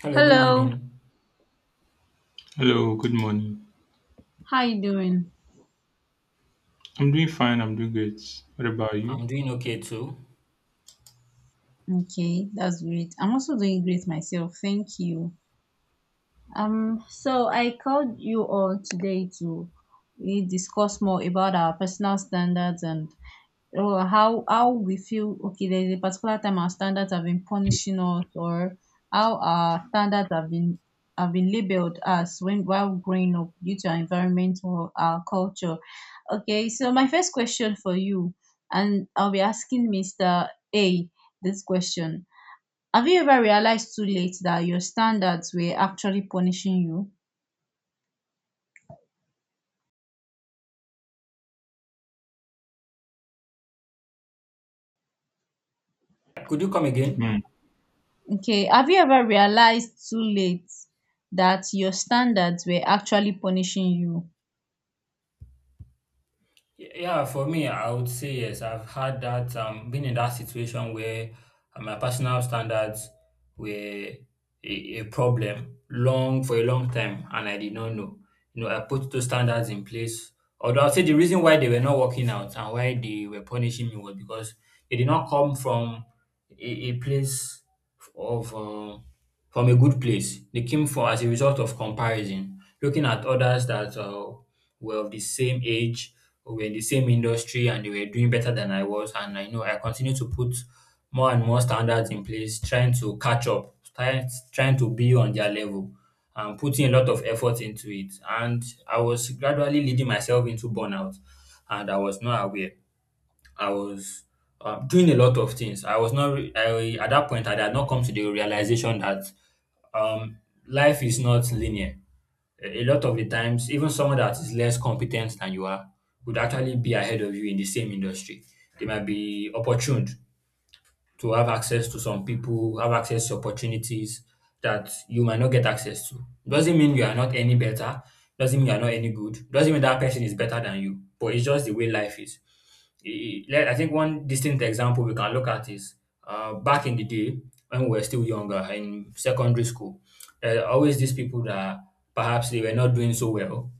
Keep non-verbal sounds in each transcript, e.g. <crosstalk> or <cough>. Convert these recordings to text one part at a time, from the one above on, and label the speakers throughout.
Speaker 1: Hello, good
Speaker 2: Hello,
Speaker 1: morning.
Speaker 3: Hello, good morning.
Speaker 2: how you doing?
Speaker 3: I'm doing fine, I'm doing great. What about you?
Speaker 1: I'm doing okay too.
Speaker 2: Okay, that's great. I'm also doing great myself. Thank you. So I called you all today to we discuss more about our personal standards and or how we feel, okay, there's a particular time our standards have been punishing us, or how our standards have been labeled as when while growing up due to our environment or our culture. Okay, so my first question for you, and I'll be asking Mr. A this question: have you ever realized too late that your standards were actually punishing you?
Speaker 1: Could you come
Speaker 3: Hmm.
Speaker 1: again?
Speaker 2: Okay, have you ever realized too late that your standards were actually punishing you?
Speaker 1: Yeah, for me, I would say yes. I've had that, been in that situation where my personal standards were a problem long for a long time and I did not know. You know, I put those standards in place. Although I'll say the reason why they were not working out and why they were punishing me was because they did not come from a place of from a good place. They came for as a result of comparison, looking at others that were of the same age, were in the same industry, and they were doing better than I was. And I know I continue to put more and more standards in place, trying to catch up, trying to be on their level and putting a lot of effort into it. And I was gradually leading myself into burnout, and I was not aware. I was doing a lot of things. I was not at that point. I had not come to the realization that um, life is not linear. A lot of the times, even someone that is less competent than you are would actually be ahead of you in the same industry. They might be opportuned to have access to some people, have access to opportunities that you might not get access to. Doesn't mean you are not any better, doesn't mean you are not any good, doesn't mean that person is better than you, but it's just the way life is. I think one distinct example we can look at is back in the day when we were still younger in secondary school, there are always these people that perhaps they were not doing so well,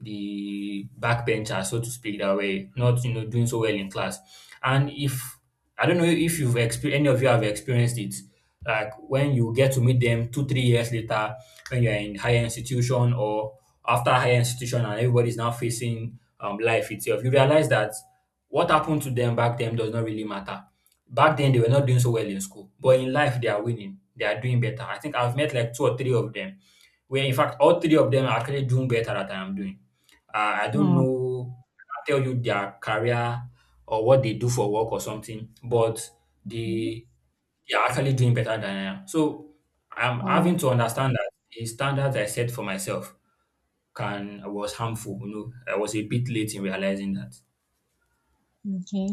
Speaker 1: the backbencher, so to speak, that were not, you know, doing so well in class. And if I don't know if you've experienced any of you have experienced it, like when you get to meet them two, three years later, when you're in higher institution or after higher institution and everybody's now facing life itself, you realize that what happened to them back then does not really matter. Back then they were not doing so well in school, but in life they are winning, they are doing better. I think I've met like two or three of them where in fact all three of them are actually doing better than I am doing. I don't
Speaker 2: Hmm.
Speaker 1: know, I can't tell you their career or what they do for work or something, but they they are actually doing better than I am. So I'm having
Speaker 2: Oh,
Speaker 1: to understand that the standards I set for myself can was harmful. You know, I was a bit late in realizing that.
Speaker 2: okay.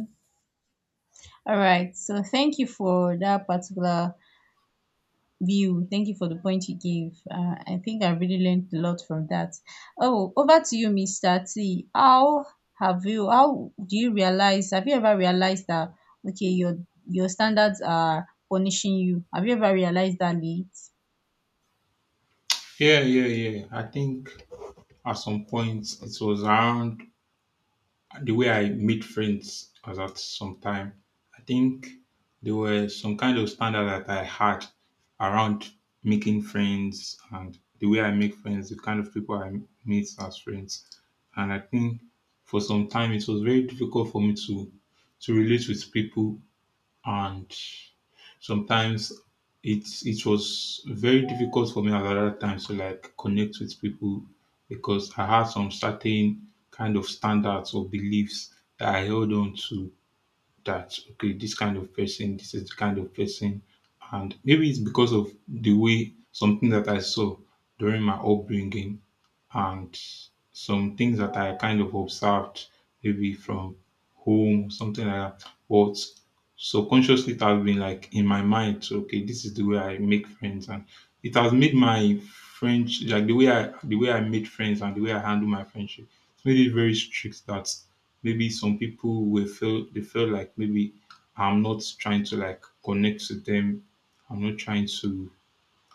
Speaker 2: All right. So thank you for that particular view. Thank you for the point you gave. I think I really learned a lot from that. Oh, over to you, Mr. T. How do you realize, have you ever realized that, okay, your standards are punishing you? Have you ever realized that, Lee?
Speaker 3: Yeah, yeah, yeah. I think at some point it was around the way I meet friends was at some time. I think there were some kind of standard that I had around making friends and the way I make friends, the kind of people I meet as friends. And I think for some time it was very difficult for me to relate with people and sometimes it was very difficult for me at that time to like connect with people because I had some certain kind of standards or beliefs that I held on to that okay, this kind of person, this is the kind of person, and maybe it's because of the way something that I saw during my upbringing and some things that I kind of observed maybe from home, something like that. But subconsciously, it has been like in my mind, so, okay, this is the way I make friends, and it has made my friends like the way I made friends and the way I handle my friendship. It's made it very strict that maybe some people will feel they feel like maybe I'm not trying to like connect to them. I'm not trying to.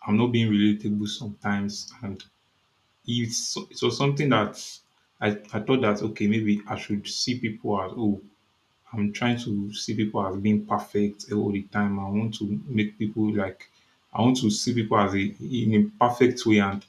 Speaker 3: I'm not being relatable sometimes, and it was something that I thought that okay maybe I should see people as oh I'm trying to see people as being perfect all the time. I want to make people like I want to see people as a in a perfect way, and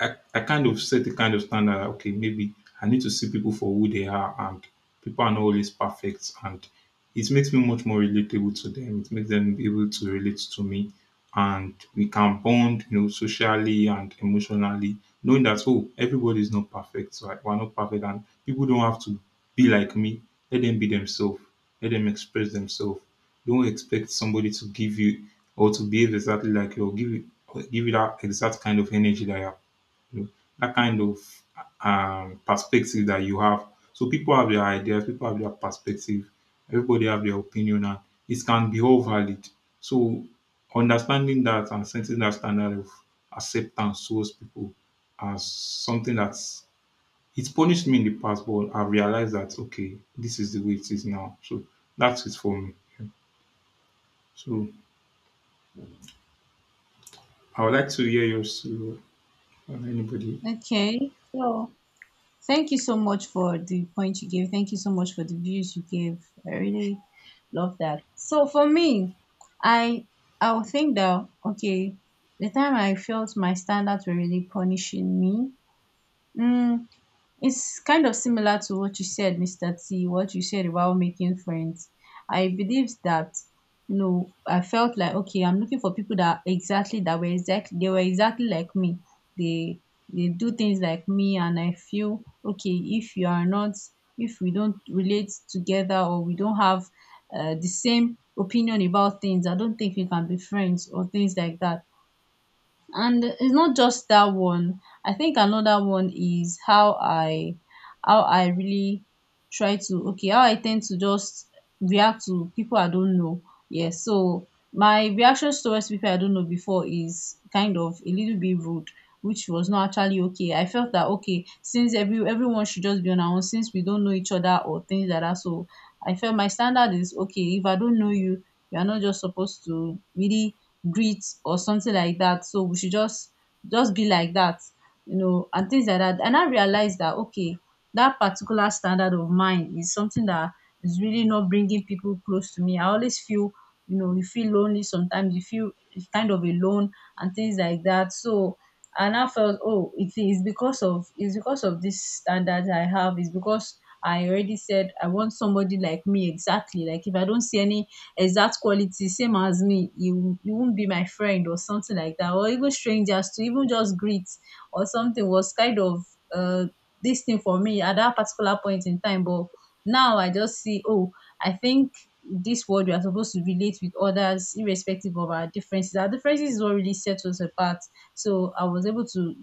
Speaker 3: I kind of set the kind of standard okay, maybe I need to see people for who they are and people are not always perfect and it makes me much more relatable to them. It makes them be able to relate to me and we can bond, socially and emotionally, knowing that oh, everybody is not perfect, so we're not perfect and people don't have to be like me. Let them be themselves. Let them express themselves. Don't expect somebody to give you or to behave exactly like you or give you that exact kind of energy that you're that kind of perspective that you have. So people have their ideas, people have their perspective, everybody have their opinion, and it can be all valid. So understanding that and setting that standard of acceptance towards people as something that's it's punished me in the past, but I realized that okay, this is the way it is now. So that's it for me. So I would like to hear yours too, or anybody.
Speaker 2: Okay. So thank you so much for the point you gave. Thank you so much for the views you gave. I really love that. So for me, I I would think that, okay, the time I felt my standards were really punishing me, Mm, it's kind of similar to what you said, Mr. T, what you said about making friends. I believe that, you know, I felt like, okay, I'm looking for people that exactly that were exactly they were exactly like me. They they do things like me, and I feel okay, if you are not, if we don't relate together or we don't have the same opinion about things, I don't think we can be friends or things like that. And it's not just that one. I think another one is how I really try to okay how I tend to just react to people I don't know. Yes, so my reactions towards people I don't know before is kind of a little bit rude, which was not actually okay. I felt that, okay, since everyone should just be on our own, since we don't know each other or things like that. So I felt my standard is, okay, if I don't know you, you are not just supposed to really greet or something like that, so we should just be like that, you know, and things like that. And I realized that, okay, that particular standard of mine is something that is really not bringing people close to me. I always feel, you know, you feel lonely sometimes, you feel kind of alone and things like that. So, and I felt, oh, it's because of this standard I have, it's because I already said I want somebody like me exactly, like if I don't see any exact quality same as me, you won't be my friend or something like that, or even strangers to even just greet or something, was kind of uh this thing for me at that particular point in time. But now I just see, oh, I think this world, we are supposed to relate with others irrespective of our differences. Our differences is what really sets us apart. So I was able to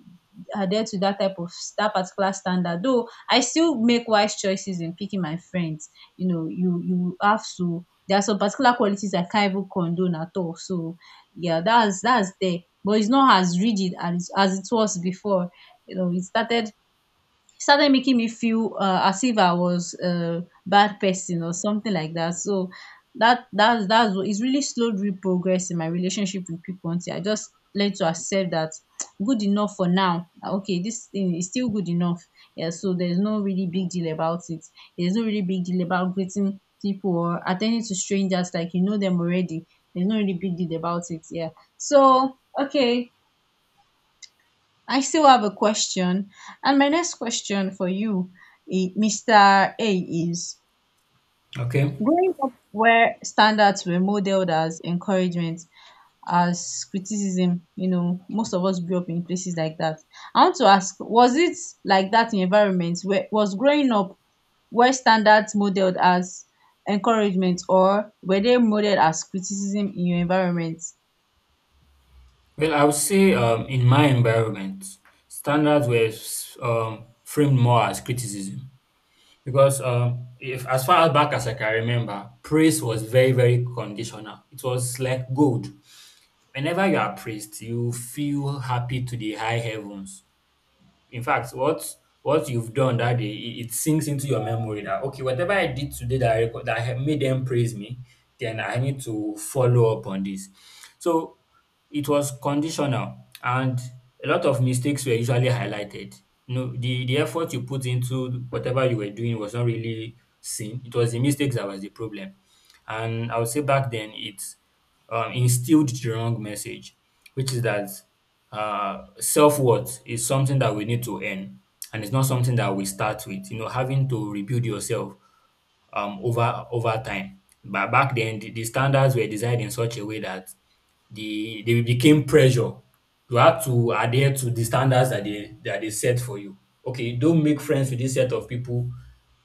Speaker 2: adhere to that type of that particular standard, though I still make wise choices in picking my friends. You know, you have to, there are some particular qualities I can't even condone at all. So yeah, that's there. But it's not as rigid as it was before. You know, it started started making me feel, as if I was a bad person or something like that. So that's what it's really slowed real progress in my relationship with people until I just learned to accept that <tsk> good enough for now. Ah, okay, this thing is still good enough. Yeah, so there's no really big deal about it. There's no really big deal about greeting people or attending to strangers like you know them already. There's no really big deal about it. Yeah. So okay, I still have a question, and my next question for you, Mr. A, is
Speaker 1: Okay.
Speaker 2: growing up where standards were modeled as encouragement, as criticism, you know, most of us grew up in places like that. I want to ask, was it like that in environments where was growing up, where standards modeled as encouragement, or were they modeled as criticism in your environment?
Speaker 1: Well, I would say in my environment, standards were framed more as criticism. Because, if as far back as I can remember, praise was very, very conditional. It was like gold. Whenever you are praised, you feel happy to the high heavens. In fact, what you've done that day, it sinks into your memory that okay, whatever I did today that that I made them praise me, then I need to follow up on this. So it was conditional, and a lot of mistakes were usually highlighted. You know, the effort you put into whatever you were doing was not really seen. It was the mistakes that was the problem. And I would say back then it instilled the wrong message, which is that self-worth is something that we need to earn, and it's not something that we start with, you know, having to rebuild yourself over time. But back then the standards were designed in such a way that they became pressure. You have to adhere to the standards that they set for you. Okay, don't make friends with this set of people.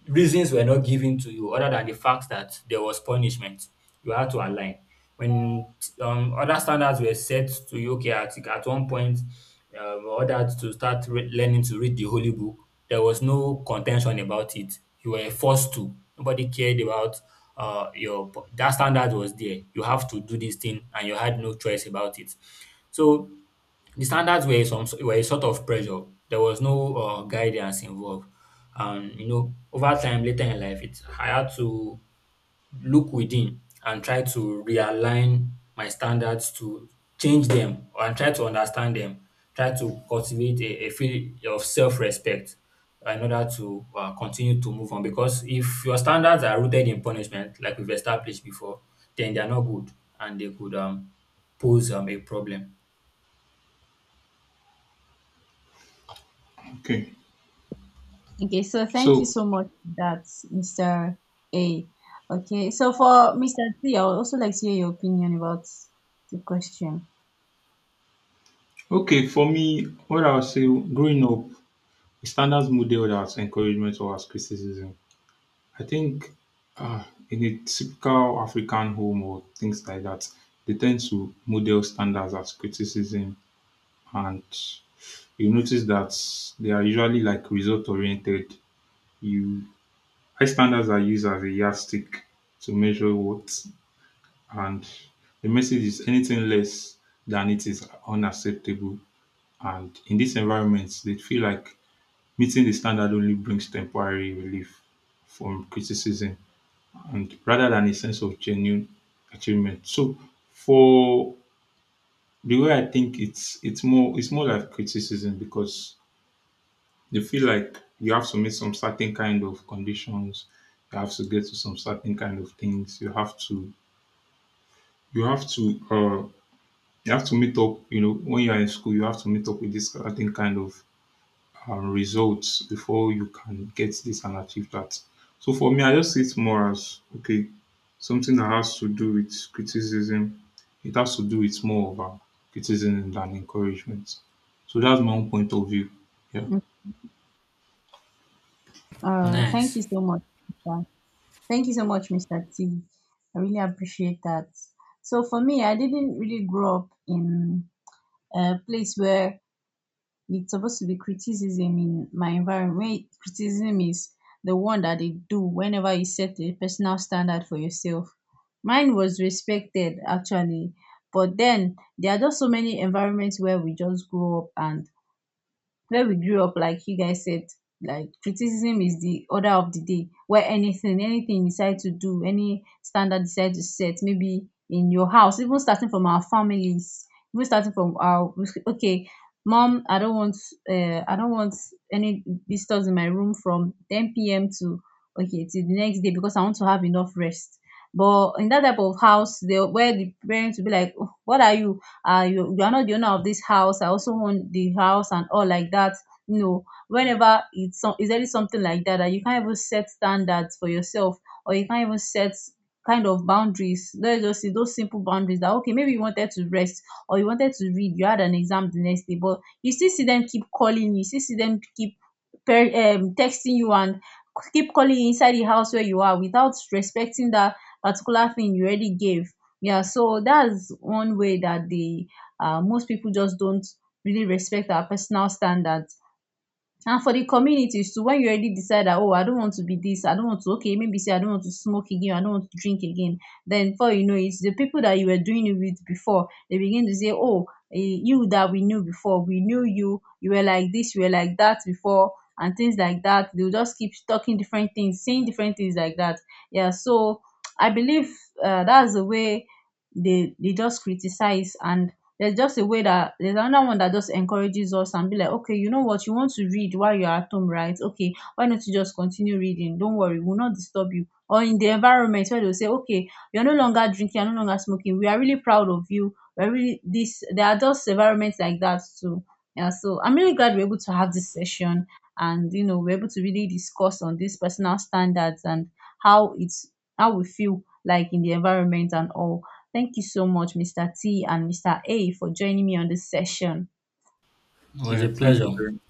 Speaker 1: Reasons were not given to you other than the fact that there was punishment. You had to align. When other standards were set to you, okay, at one point, ordered to start learning to read the holy book, there was no contention about it. You were forced to. Nobody cared about your that standard was there, you have to do this thing and you had no choice about it. So the standards were some were a sort of pressure. There was no guidance involved. And you know, over time later in life, it I had to look within and try to realign my standards, to change them and try to understand them, try to cultivate a feel of self respect in order to continue to move on. Because if your standards are rooted in punishment, like we've established before, then they are not good and they could pose a problem.
Speaker 3: Okay.
Speaker 2: Okay, so thank you
Speaker 3: So
Speaker 2: so much for that, Mr. A. Okay, so for Mr. C, I would also like to hear your opinion about the question.
Speaker 3: okay, for me, what I would say growing up, the standard model that's encouragement or as criticism. I think uh, in a typical African home or things like that, they tend to model standards as criticism, and you notice that they are usually like result oriented. You high standards are used as a yardstick to measure what, and the message is anything less than it is unacceptable. And in this environment, they feel like meeting the standard only brings temporary relief from criticism and rather than a sense of genuine achievement. So for the way I think it's more it's more like criticism because you feel like you have to meet some certain kind of conditions, you have to get to some certain kind of things, you have to you have to uh you have to meet up, you know, when you are in school, you have to meet up with this certain kind of results before you can get this and achieve that. So for me, I just see it more as okay, something that has to do with criticism. It has to do with more of criticism than encouragement. So that's my own point of view. Yeah.
Speaker 2: Mm, thank
Speaker 1: Nice.
Speaker 2: you so much. Mr. Thank you so much, Mr. T. I really appreciate that. So for me, I didn't really grow up in a place where it's supposed to be criticism. In my environment, when criticism is the one that they do whenever you set a personal standard for yourself, mine was respected actually. But then there are just so many environments where we just grow up, and where we grew up, like you guys said, like criticism is the order of the day, where anything, anything you decide to do, any standard you decide to set, maybe in your house, even starting from our families, even starting from our, okay, mom, I don't want any visitors in my room from 10 p.m. to, okay, till the next day, because I want to have enough rest. But in that type of house, they where the parents will be like, "Oh, what are you? You, you are not the owner of this house, I also own the house" and all like that. You know, whenever it's some is there something like that, that you can't even set standards for yourself, or you can't even set kind of boundaries, let's just say those simple boundaries, that okay, maybe you wanted to rest or you wanted to read, you had an exam the next day, but you still see them keep calling you, you still see them keep per- texting you and keep calling you inside the house where you are, without respecting that particular thing you already gave. Yeah, so that's one way that the most people just don't really respect our personal standards. And for the communities too, when you already decide that, oh, I don't want to be this, I don't want to, okay maybe say I don't want to smoke again, I don't want to drink again, then before you know it, the people that you were doing it with before, they begin to say, oh, you that we knew before, we knew you, you were like this, you were like that before, and things like that. They'll just keep talking different things, saying different things like that. Yeah, so I believe that's the way they just criticize. And there's just a way, that there's another one that just encourages us and be like, okay, you know what, you want to read while you're at home, right, okay, why don't you just continue reading, don't worry, we'll not disturb you. Or in the environment where they'll say, okay, you're no longer drinking, you're no longer smoking, we are really proud of you, we're really this. There are just environments like that too. Yeah, so I'm really glad we're able to have this session, and you know, we're able to really discuss on these personal standards, and how it's how we feel like in the environment and all. Thank you so much, Mr. T and Mr. A, for joining me on this session.
Speaker 1: It was a
Speaker 3: Yeah. Thank you
Speaker 1: pleasure.
Speaker 3: very much.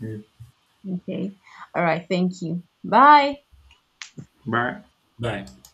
Speaker 3: Yeah.
Speaker 2: Okay. All right. Thank you. Bye.
Speaker 3: Bye.
Speaker 1: Bye.